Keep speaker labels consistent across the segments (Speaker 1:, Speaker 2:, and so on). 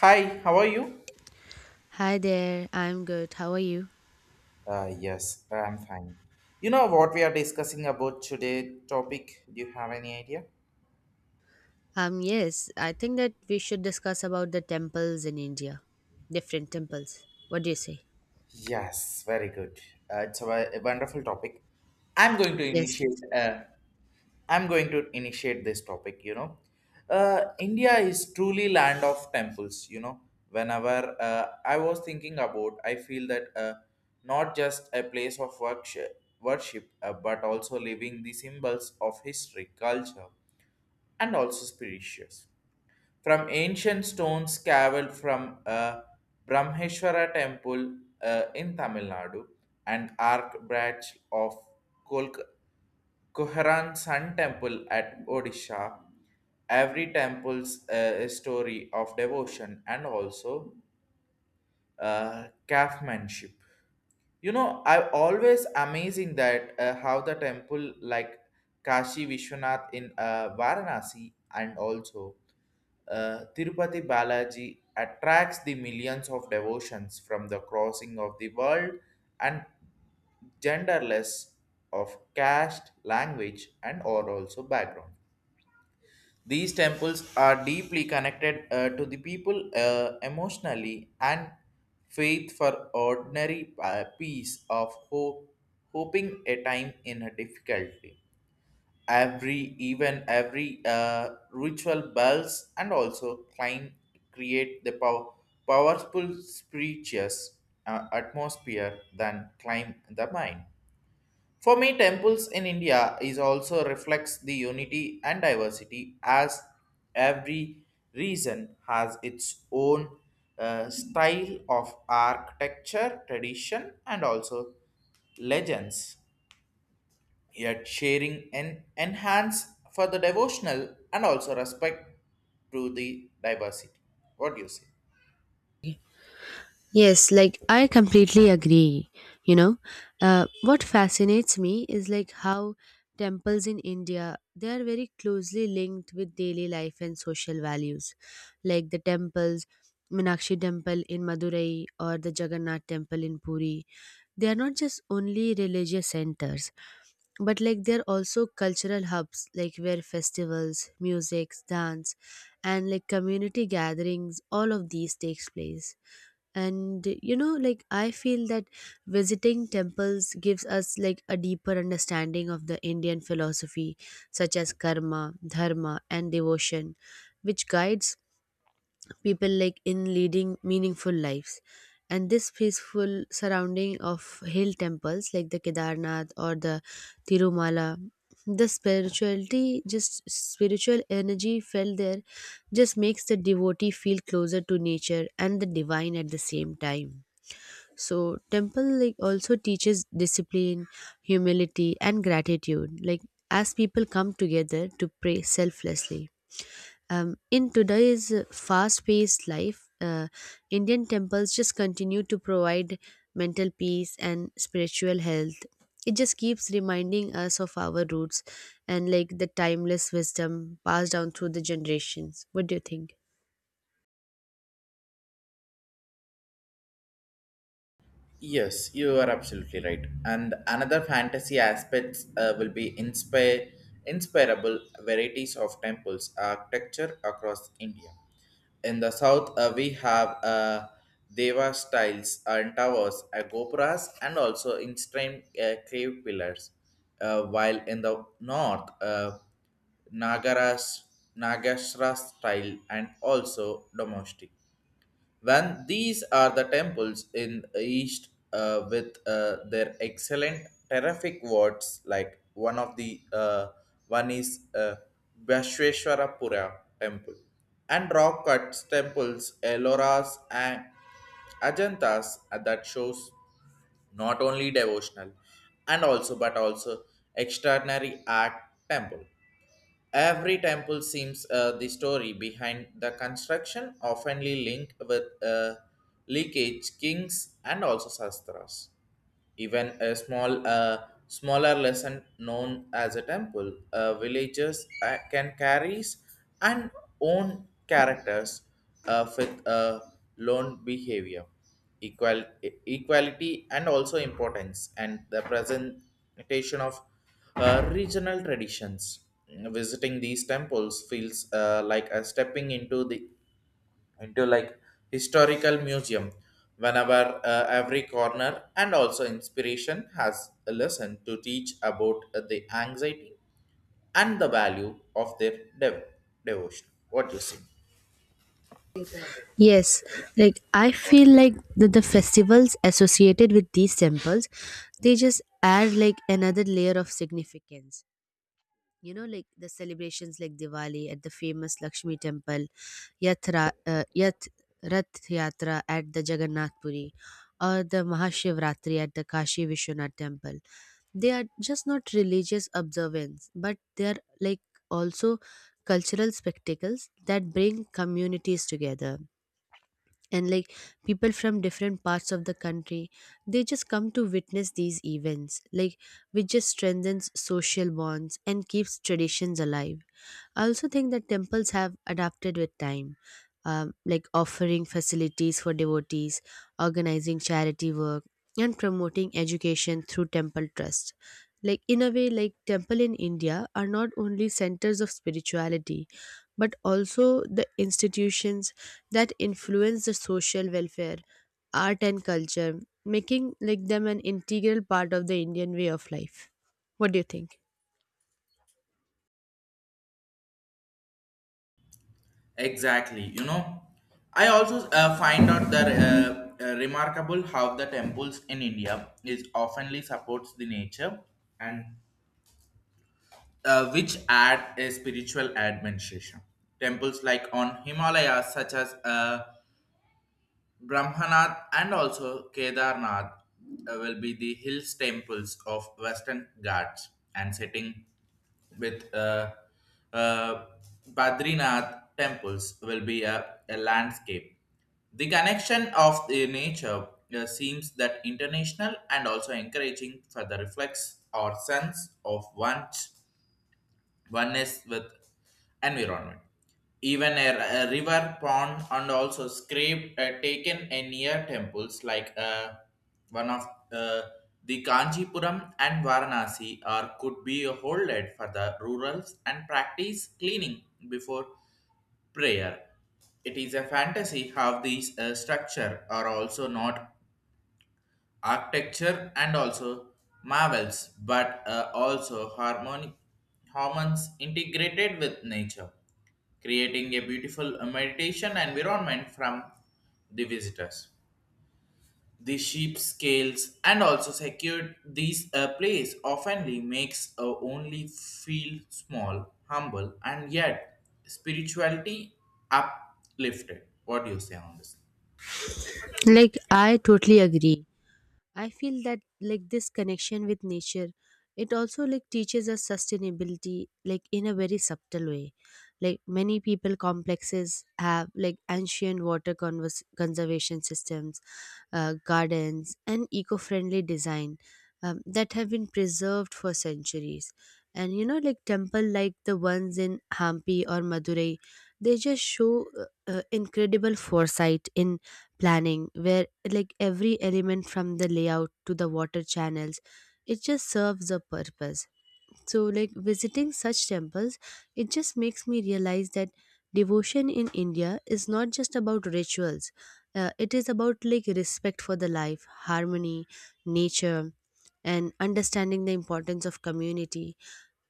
Speaker 1: Hi, how are you?
Speaker 2: Hi there, I'm good. How are you?
Speaker 1: Yes, I'm fine. You know what we are discussing about today topic? Do you have any idea?
Speaker 2: Yes, I think that we should discuss about the temples in India, different temples. What do you say?
Speaker 1: Yes, very good. A wonderful topic. I'm going to
Speaker 2: Yes.
Speaker 1: initiate. I'm going to initiate this topic. India is truly land of temples. You know, whenever I was thinking about, I feel that not just a place of worship, but also living the symbols of history, culture, and also spirituous. From ancient stones carved from a Brahmeshwara temple in Tamil Nadu and arc branch of Kolk- Koharan Sun Temple at Odisha, every temple's a story of devotion and also craftsmanship. You know, I always amazing that how the temple like Kashi Vishwanath in Varanasi and also Tirupati Balaji attracts the millions of devotions from the crossing of the world and genderless of caste, language, and or also background. These temples are deeply connected to the people emotionally and faith for ordinary peace of hope, hoping a time in a difficulty. Every even every ritual bells and also climb create the powerful spirituous atmosphere than climb the mind. For me, temples in India is also reflects the unity and diversity as every region has its own style of architecture, tradition, and also legends, yet sharing and enhance for the devotional and also respect to the diversity. What do you say?
Speaker 2: Yes, like I completely agree. You know, what fascinates me is like how temples in India they are very closely linked with daily life and social values, like the temples. Minakshi temple in Madurai or the Jagannath temple in Puri. They are not just only religious centers, but like there are also cultural hubs like where festivals music dance and like community gatherings all of these takes place and like I feel that visiting temples gives us like a deeper understanding of the Indian philosophy such as karma dharma and devotion which guides people like in leading meaningful lives, and this peaceful surrounding of hill temples like the Kedarnath or the Tirumala, the spirituality, just spiritual energy felt there just makes the devotee feel closer to nature and the divine at the same time. So temple like also teaches discipline, humility and gratitude like as people come together to pray selflessly. In today's fast paced life, Indian temples just continue to provide mental peace and spiritual health. It just keeps reminding us of our roots and like the timeless wisdom passed down through the generations. What do you think?
Speaker 1: Yes, you are absolutely right. And another fantasy aspects will be inspire inspirable varieties of temples architecture across India. In the south, we have Deva styles and towers, gopuras, and also instant cave pillars. While in the north, Nagaras, Nagashra style and also domestic when these are the temples in east with their excellent terrific words like one of the one is Vishveshwarapura temple and rock cuts temples Elloras and Ajantas that shows not only devotional and also but also extraordinary art temple. Every temple seems the story behind the construction, oftenly linked with leakage, kings, and also sastras. Even a small, smaller lesson known as a temple, villagers can carry and own characters with lone behavior, equality, and also importance, and the presentation of regional traditions. Visiting these temples feels like a stepping into the into like historical museum whenever every corner and also inspiration has a lesson to teach about the anxiety and the value of their devotion. What do you say?
Speaker 2: Yes, like I feel like the festivals associated with these temples, they just add like another layer of significance. Like the celebrations like Diwali at the famous Lakshmi temple yatra, yat Rath Yatra at the Jagannath Puri or the Mahashivratri at the Kashi Vishwanath temple, they are just not religious observance but they are like also cultural spectacles that bring communities together, and like people from different parts of the country they just come to witness these events like which just strengthens social bonds and keeps traditions alive. I also think that temples have adapted with time, like offering facilities for devotees, organizing charity work, and promoting education through temple trust. Like in a way, like temple in India are not only centers of spirituality, but also the institutions that influence the social welfare, art, and culture, making like them an integral part of the Indian way of life. What do you think?
Speaker 1: Exactly. You know, I also find out that remarkable how the temples in India is oftenly supports the nature and which add a spiritual administration. Temples like on Himalayas, such as Brahmanath and also Kedarnath will be the hills temples of Western Ghats and sitting with uh, Badrinath temples will be a landscape. The connection of the nature seems that international and also encouraging for the reflex or sense of one's one is with environment. Even a river, pond, and also scrape taken in near temples like one of uh, the Kanchipuram and Varanasi are could be holded for the rurals and practice cleaning before prayer. It is a fantasy how these structure are also not architecture and also marvels, but also harmonic hormones integrated with nature, creating a beautiful meditation environment from the visitors. The sheep scales and also secured these place oftenly makes only feel small, humble, and yet spirituality uplifted. What do you say on this?
Speaker 2: Like I totally agree. I feel that like this connection with nature, it also like teaches us sustainability like in a very subtle way. Like many people complexes have like ancient water conservation systems, gardens, and eco friendly design, that have been preserved for centuries. And you know, like temple like the ones in Hampi or Madurai, they just show incredible foresight in planning, where like every element from the layout to the water channels, it just serves a purpose. So, like visiting such temples, it just makes me realize that devotion in India is not just about rituals. It is about like respect for the life, harmony, nature, and understanding the importance of community.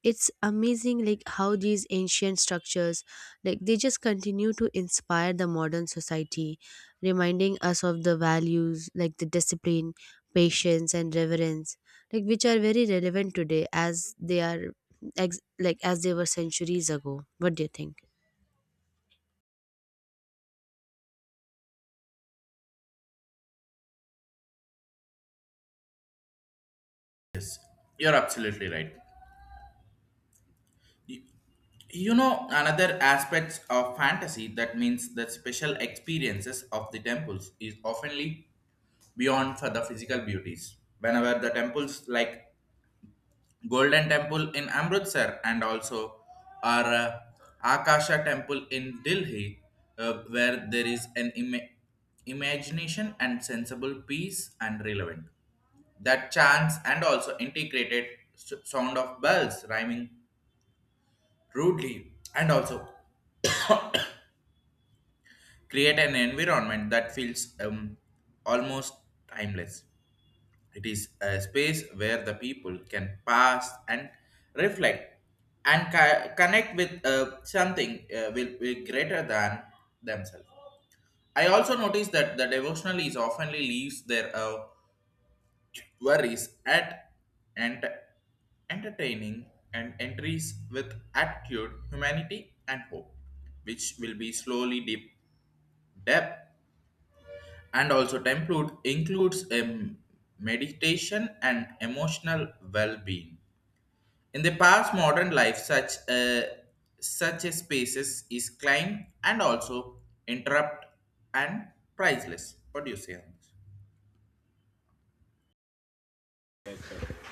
Speaker 2: It's amazing like how these ancient structures like they just continue to inspire the modern society, reminding us of the values like the discipline, patience and reverence, like which are very relevant today as they are like as they were centuries ago. What do you think?
Speaker 1: You're absolutely right. You know, another aspects of fantasy that means the special experiences of the temples is oftenly beyond for the physical beauties whenever the temples like golden temple in Amritsar and also our akasha temple in Delhi where there is an imagination and sensible peace and relevant that chants and also integrated sound of bells rhyming rudely and also create an environment that feels almost timeless. It is a space where the people can pass and reflect and connect with something will greater than themselves. I also noticed that the devotional is oftenly leaves their worries at and entertaining and entries with attitude, humanity, and hope, which will be slowly deep depth and also template includes a meditation and emotional well-being. In the past modern life, such a spaces is climbed and also interrupt and priceless. What do you say on this?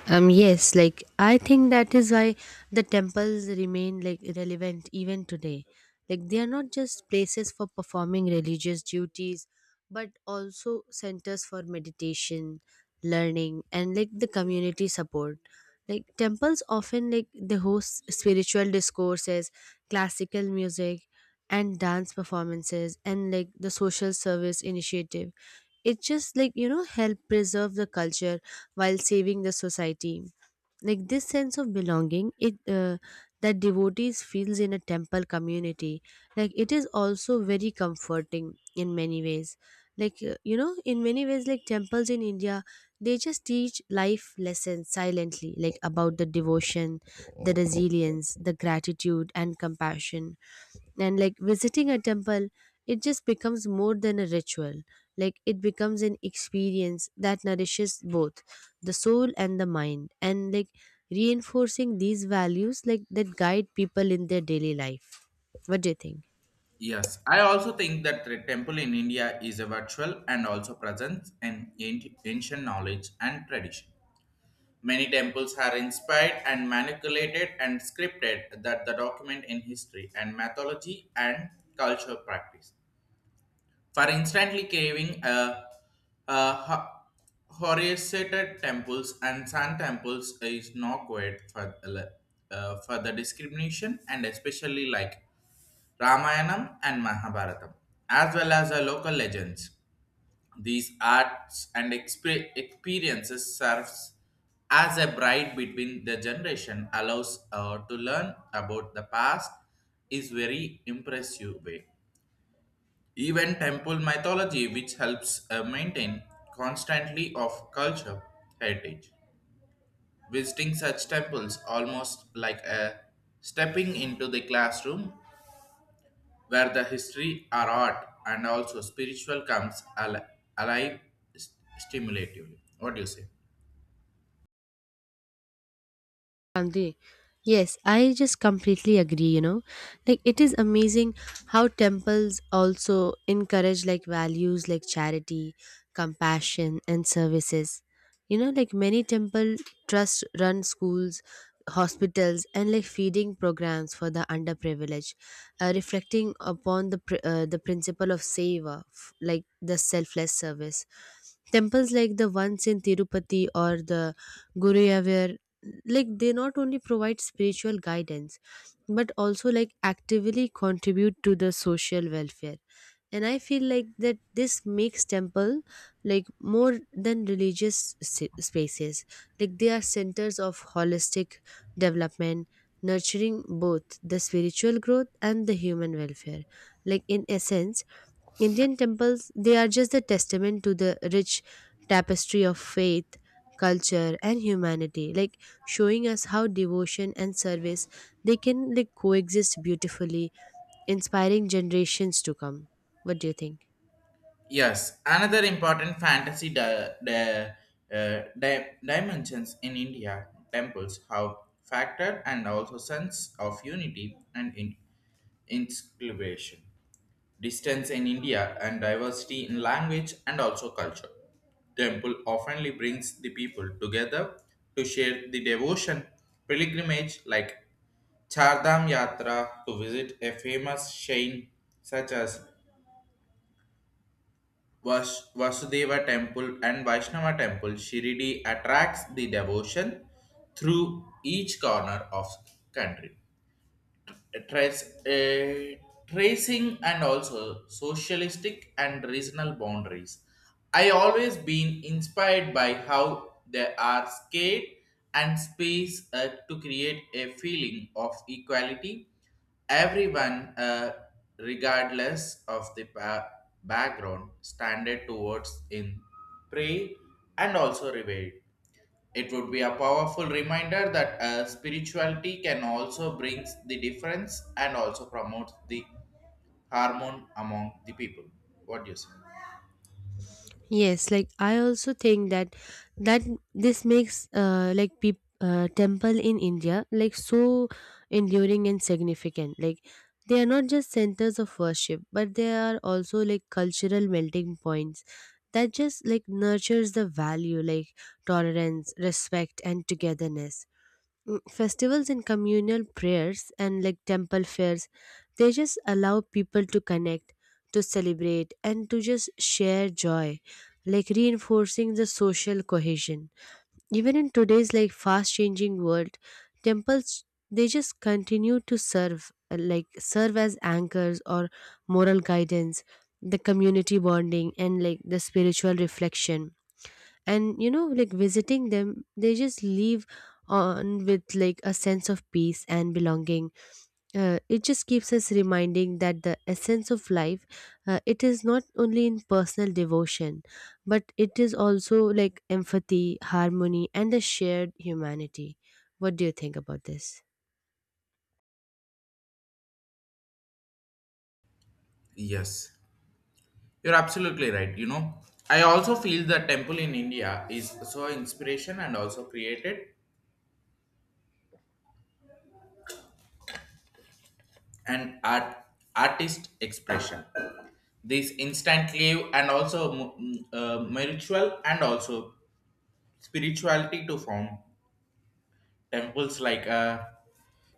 Speaker 2: Yes, like I think that is why the temples remain like relevant even today. Like they are not just places for performing religious duties, but also centers for meditation, learning, and like the community support. Like temples often like they host spiritual discourses, classical music, and dance performances, and like the social service initiative it just help preserve the culture while saving the society. Like this sense of belonging it that devotees feels in a temple community, like it is also very comforting in many ways. Like in many ways like temples in India they just teach life lessons silently like about the devotion, the resilience, the gratitude and compassion, and like visiting a temple, it just becomes more than a ritual. Like it becomes an experience that nourishes both the soul and the mind and like reinforcing these values like that guide people in their daily life. What do you think?
Speaker 1: Yes, I also think that the temple in India is a virtual and also presents an ancient knowledge and tradition. Many temples are inspired and manipulated and scripted that the document in history and mythology and culture practice. For instantly craving a Horseated temples and sun temples is not quite for the discrimination and especially like Ramayanam and Mahabharatam, as well as the local legends. These arts and experiences serves as a bride between the generation allows to learn about the past is very impressive way. Even temple mythology which helps maintain constantly of culture heritage. Visiting such temples almost like a stepping into the classroom where the history, our art, and also spiritual comes alive st- stimulatively. What do you say?
Speaker 2: Gandhi. Yes, I just completely agree, Like it is amazing how temples also encourage like values like charity, compassion and services. You know, like many temple trust run schools, hospitals and like feeding programs for the underprivileged, reflecting upon the the principle of seva, like the selfless service. Temples like the ones in Tirupati or the Guruyavur, like they not only provide spiritual guidance but also like actively contribute to the social welfare, and I feel like that this makes temple like more than religious spaces. Like they are centers of holistic development, nurturing both the spiritual growth and the human welfare. Like in essence, Indian temples, they are just a testament to the rich tapestry of faith, culture and humanity, like showing us how devotion and service they can like coexist beautifully, inspiring generations to come. What do you think?
Speaker 1: Yes, another important fantasy dimensions in India temples have factor and also sense of unity and inspiration. Distance in India and diversity in language and also culture. Temple oftenly brings the people together to share the devotion pilgrimage like Chardham Yatra to visit a famous shrine such as Vasudeva Temple and Vaishnava Temple. Shirdi attracts the devotion through each corner of country. uh, trace, uh, tracing and also socialistic and regional boundaries. I always been inspired by how they are scared and space to create a feeling of equality. Everyone, regardless of the background, standard towards in pray and also reward. It would be a powerful reminder that spirituality can also bring the difference and also promote the harmony among the people. What do you say?
Speaker 2: Yes, like I also think that that this makes like peop temple in India like so enduring and significant. Like they are not just centers of worship, but they are also like cultural melting points that just like nurtures the value like tolerance, respect, and togetherness. Festivals and communal prayers and like temple fairs, they just allow people to connect, to celebrate and to just share joy like reinforcing the social cohesion even in today's like fast changing world. Temples they just continue to serve serve as anchors or moral guidance, the community bonding and like the spiritual reflection. And you know like visiting them they just leave on with like a sense of peace and belonging. It just keeps us reminding that the essence of life, it is not only in personal devotion but it is also like empathy, harmony and the shared humanity. What do you think about this?
Speaker 1: Yes, you're absolutely right. You know, I also feel the temple in India is so inspiration and also created an art artist expression. This instant leave and also spiritual and also spirituality to form temples like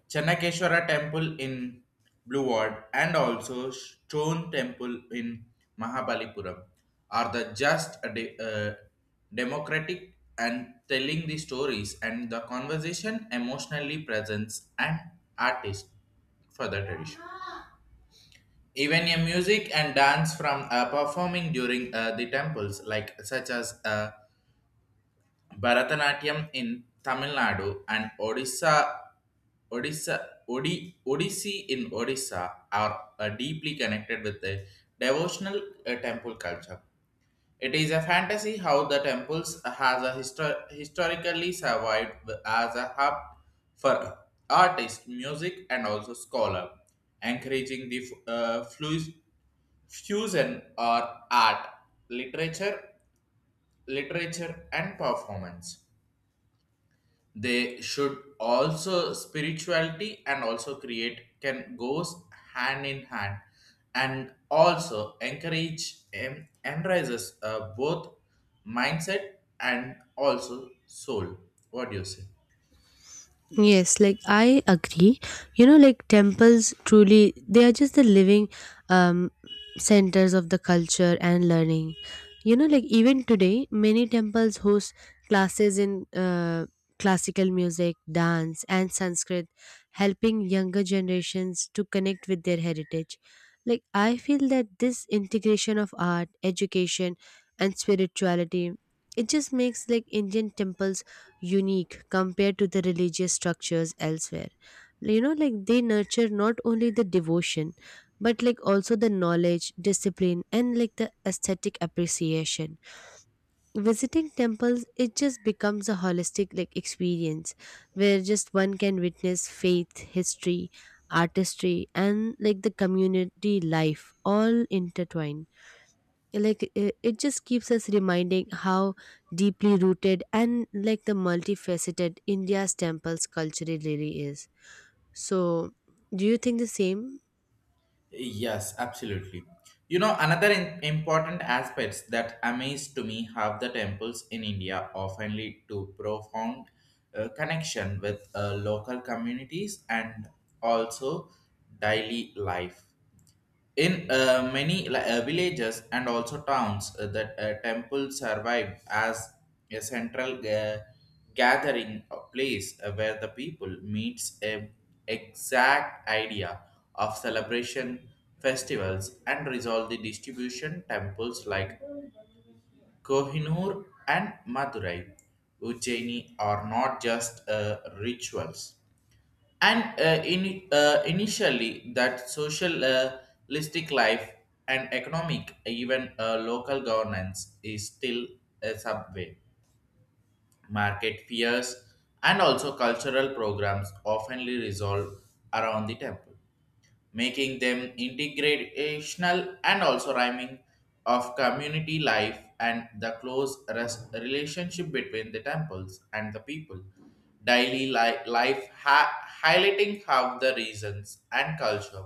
Speaker 1: Channakeshwara temple in Blue Ward and also Stone temple in Mahabalipuram are the just a democratic and telling the stories and the conversation emotionally presents and artist for the tradition. Even a music and dance from performing during the temples, like such as Bharatanatyam in Tamil Nadu and Odissi in Odisha are deeply connected with the devotional temple culture. It is a fantasy how the temples has a historically survived as a hub for artists, music, and also scholar, encouraging the fusion or art, literature, literature, and performance they should also spirituality and also create can goes hand in hand and also encourage and enrises both mindset and also soul. What do you say?
Speaker 2: Yes, like I agree. You know, like temples truly, they are just the living, um, centers of the culture and learning. You know, like even today, many temples host classes in classical music, dance, and Sanskrit, helping younger generations to connect with their heritage. Like, I feel that this integration of art, education, and spirituality, it just makes like Indian temples unique compared to the religious structures elsewhere. You know like they nurture not only the devotion but like also the knowledge, discipline and like the aesthetic appreciation. Visiting temples it just becomes a holistic like experience where just one can witness faith, history, artistry and like the community life all intertwined. Like it just keeps us reminding how deeply rooted and like the multifaceted India's temples culturally really is. So do you think the same?
Speaker 1: Yes, absolutely. You know, another important aspects that amaze to me how the temples in India often lead to profound connection with local communities and also daily life. In many villages and also towns, that temple survived as a central gathering place where the people meets a exact idea of celebration, festivals, and resolve the distribution temples like Kohinoor and Madurai, Ujjaini are not just rituals and initially that socialistic life and economic even local governance is still a subway market fears and also cultural programs oftenly resolve around the temple making them integrational and also rhyming of community life and the close relationship between the temples and the people. Daily life highlighting how the reasons and culture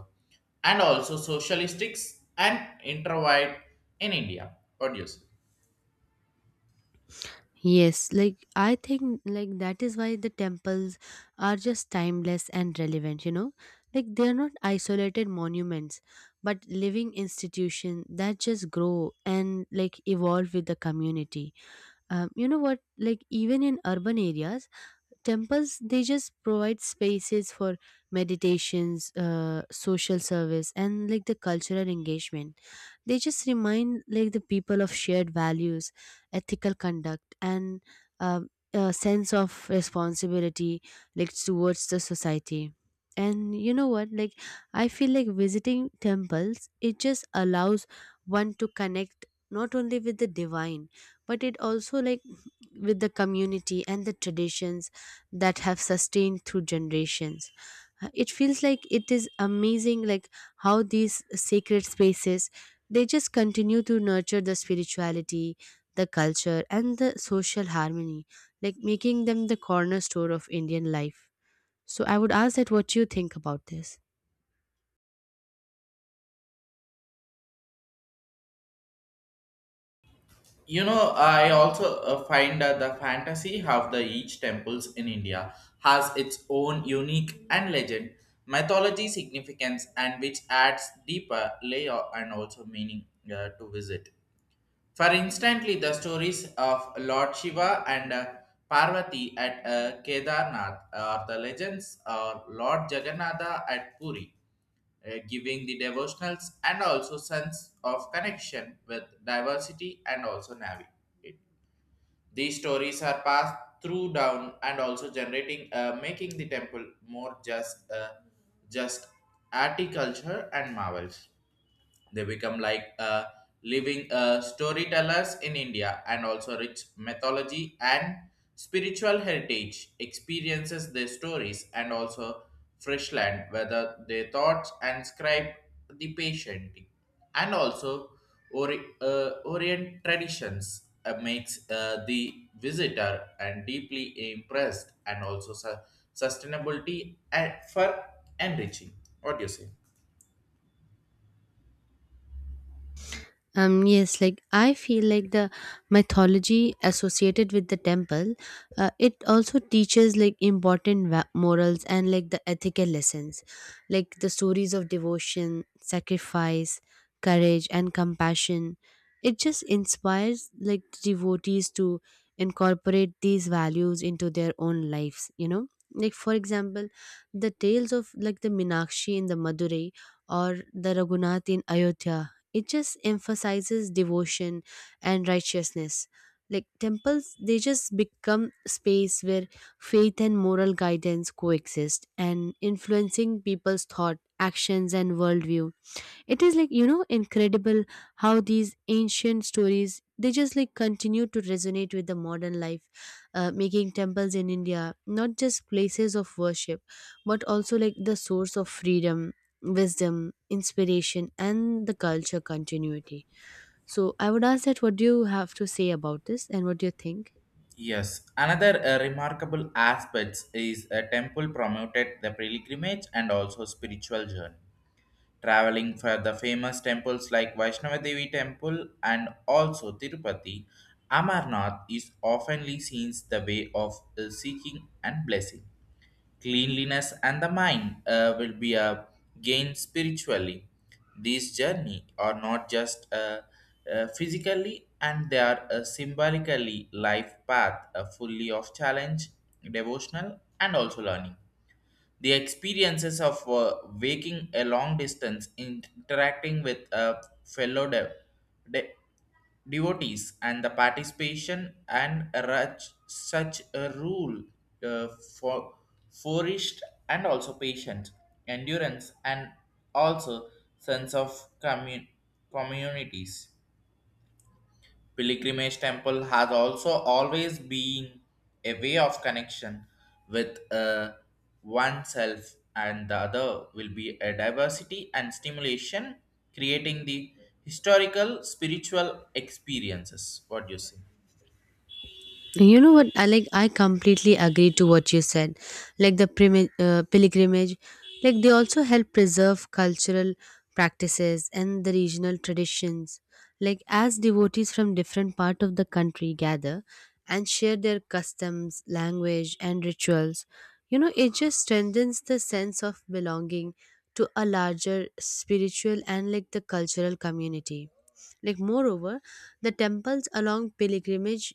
Speaker 1: and also socialistics and introvert in India. What do you say?
Speaker 2: Yes, like I think like that is why the temples are just timeless and relevant, you know. Like they are not isolated monuments but living institution that just grow and like evolve with the community. You know what? Like even in urban areas, temples they just provide spaces for meditations, social service, and like the cultural engagement. They just remind like the people of shared values, ethical conduct, and um a sense of responsibility like towards the society. And you know what? Like I feel like visiting temples, it just allows one to connect not only with the divine but it also like with the community and the traditions that have sustained through generations. It feels like it is amazing like how these sacred spaces they just continue to nurture the spirituality, the culture and the social harmony, like making them the cornerstone of Indian life. So I would ask that what you think about this?
Speaker 1: You know, I also find the fantasy of the each temples in India has its own unique and legend, mythology significance, and which adds deeper layer and also meaning to visit. For instantly, the stories of Lord Shiva and Parvati at Kedarnath, or the legends of Lord Jagannatha at Puri, giving the devotionals and also sense of connection with diversity and also Navi. These stories are passed through down and also generating, making the temple more just articulture and marvels. They become like living storytellers in India and also rich mythology and spiritual heritage experiences their stories and also fresh land, whether their thoughts and scribe the patient and also Orient traditions makes the visitor and deeply impressed and also sustainability and for enriching. What do you say?
Speaker 2: Yes, like I feel like the mythology associated with the temple, it also teaches like important morals and like the ethical lessons, like the stories of devotion, sacrifice, courage, and compassion. It just inspires like devotees to incorporate these values into their own lives, you know. Like, for example, the tales of like the Minakshi in the Madurai or the Raghunath in Ayodhya, it just emphasizes devotion and righteousness. Like temples they just become space where faith and moral guidance coexist and influencing people's thought, actions and worldview. It is like, you know, incredible how these ancient stories they just like continue to resonate with the modern life, making temples in India not just places of worship, but also like the source of freedom, wisdom, inspiration, and the culture continuity. So I would ask that what do you have to say about this and what do you think?
Speaker 1: Yes, another remarkable aspect is a temple promoted the pilgrimage and also spiritual journey. Traveling for the famous temples like Vaishnava Devi Temple and also Tirupati, Amarnath is oftenly seen the way of seeking and blessing. Cleanliness and the mind will be a gain spiritually. These journey are not just physically and they are a symbolically life path, a fully of challenge, devotional and also learning. The experiences of waking a long distance, interacting with fellow de- devotees, and the participation and such a rule uh, for forest and also patience, endurance, and also sense of communities pilgrimage temple has also always been a way of connection with oneself and the other will be a diversity and stimulation creating the historical spiritual experiences. What do you say?
Speaker 2: You know what? I like. I completely agree to what you said. Like the pilgrimage, like they also help preserve cultural practices and the regional traditions. Like as devotees from different part of the country gather and share their customs, language, and rituals, you know, it just strengthens the sense of belonging to a larger spiritual and like the cultural community. Like moreover, the temples along pilgrimage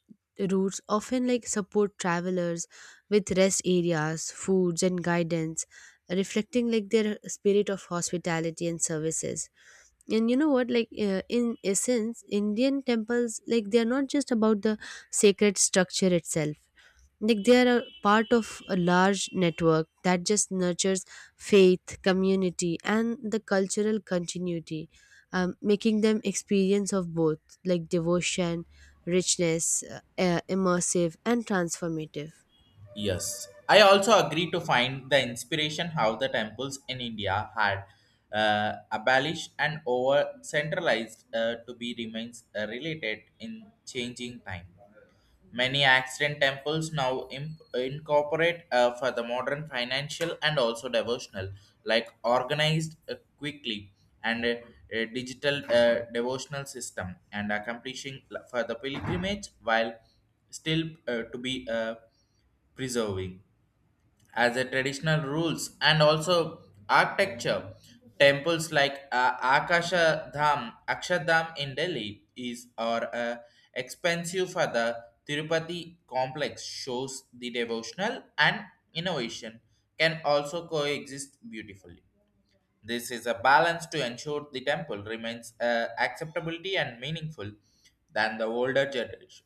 Speaker 2: routes often like support travelers with rest areas, foods and guidance, reflecting like their spirit of hospitality and services. And you know what like in essence Indian temples like they are not just about the sacred structure itself. Like they are a part of a large network that just nurtures faith, community and the cultural continuity, making them experience of both like devotion, richness, immersive and transformative.
Speaker 1: Yes, I also agree to find the inspiration how the temples in India had abolished and over centralized to be remains related in changing time. Many ancient temples now incorporate for the modern financial and also devotional, like organized quickly and a digital devotional system, and accomplishing for the pilgrimage while still to be preserving as a traditional rules and also architecture. Temples like Akshardham in Delhi is or expensive for the Tirupati complex shows the devotional and innovation can also coexist beautifully. This is a balance to ensure the temple remains acceptability and meaningful than the older generation.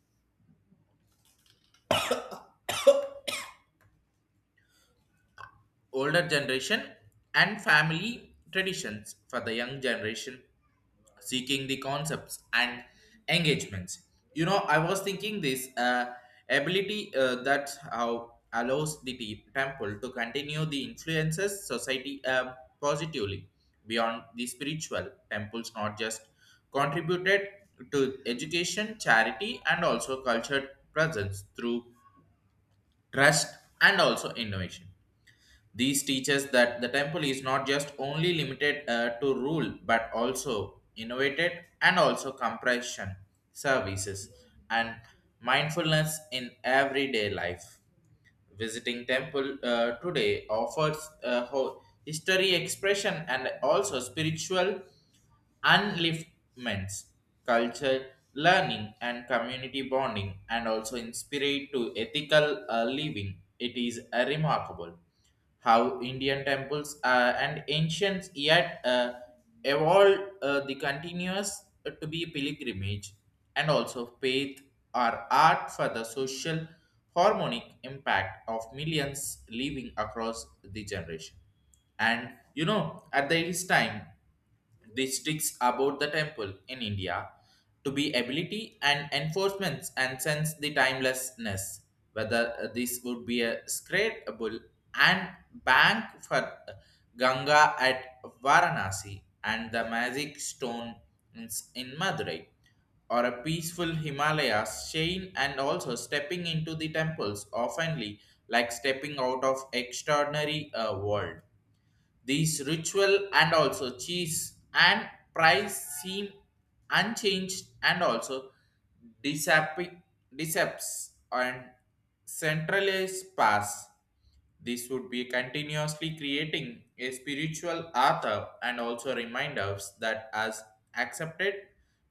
Speaker 1: Older generation and family traditions for the young generation seeking the concepts and engagements. You know, I was thinking this ability that how allows the temple to continue the influences society positively beyond the spiritual temples, not just contributed to education, charity, and also cultured presence through trust and also innovation. These teaches that the temple is not just only limited to rule but also innovated and also compression services and mindfulness in everyday life. Visiting temple today offers history expression and also spiritual upliftments, culture, learning, and community bonding, and also inspired to ethical living. It is remarkable how Indian temples and ancients yet evolved the continuous to be pilgrimage and also faith or art for the social harmonic impact of millions living across the generation. And you know, at this time, districts about the temple in India to be ability and enforcements and sense the timelessness whether this would be a scratable and bank for Ganga at Varanasi and the magic stone in Madurai or a peaceful Himalayas chain and also stepping into the temples oftenly like stepping out of extraordinary world. These ritual and also cheese and price seem unchanged and also deceptive, decepts and centralized pass. This would be continuously creating a spiritual author and also remind us that as accepted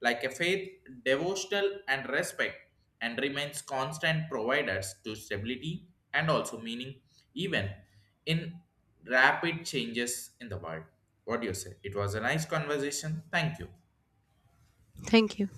Speaker 1: like a faith, devotional and respect and remains constant providers to stability and also meaning even in rapid changes in the world. What do you say? It was a nice conversation. Thank you.
Speaker 2: Thank you.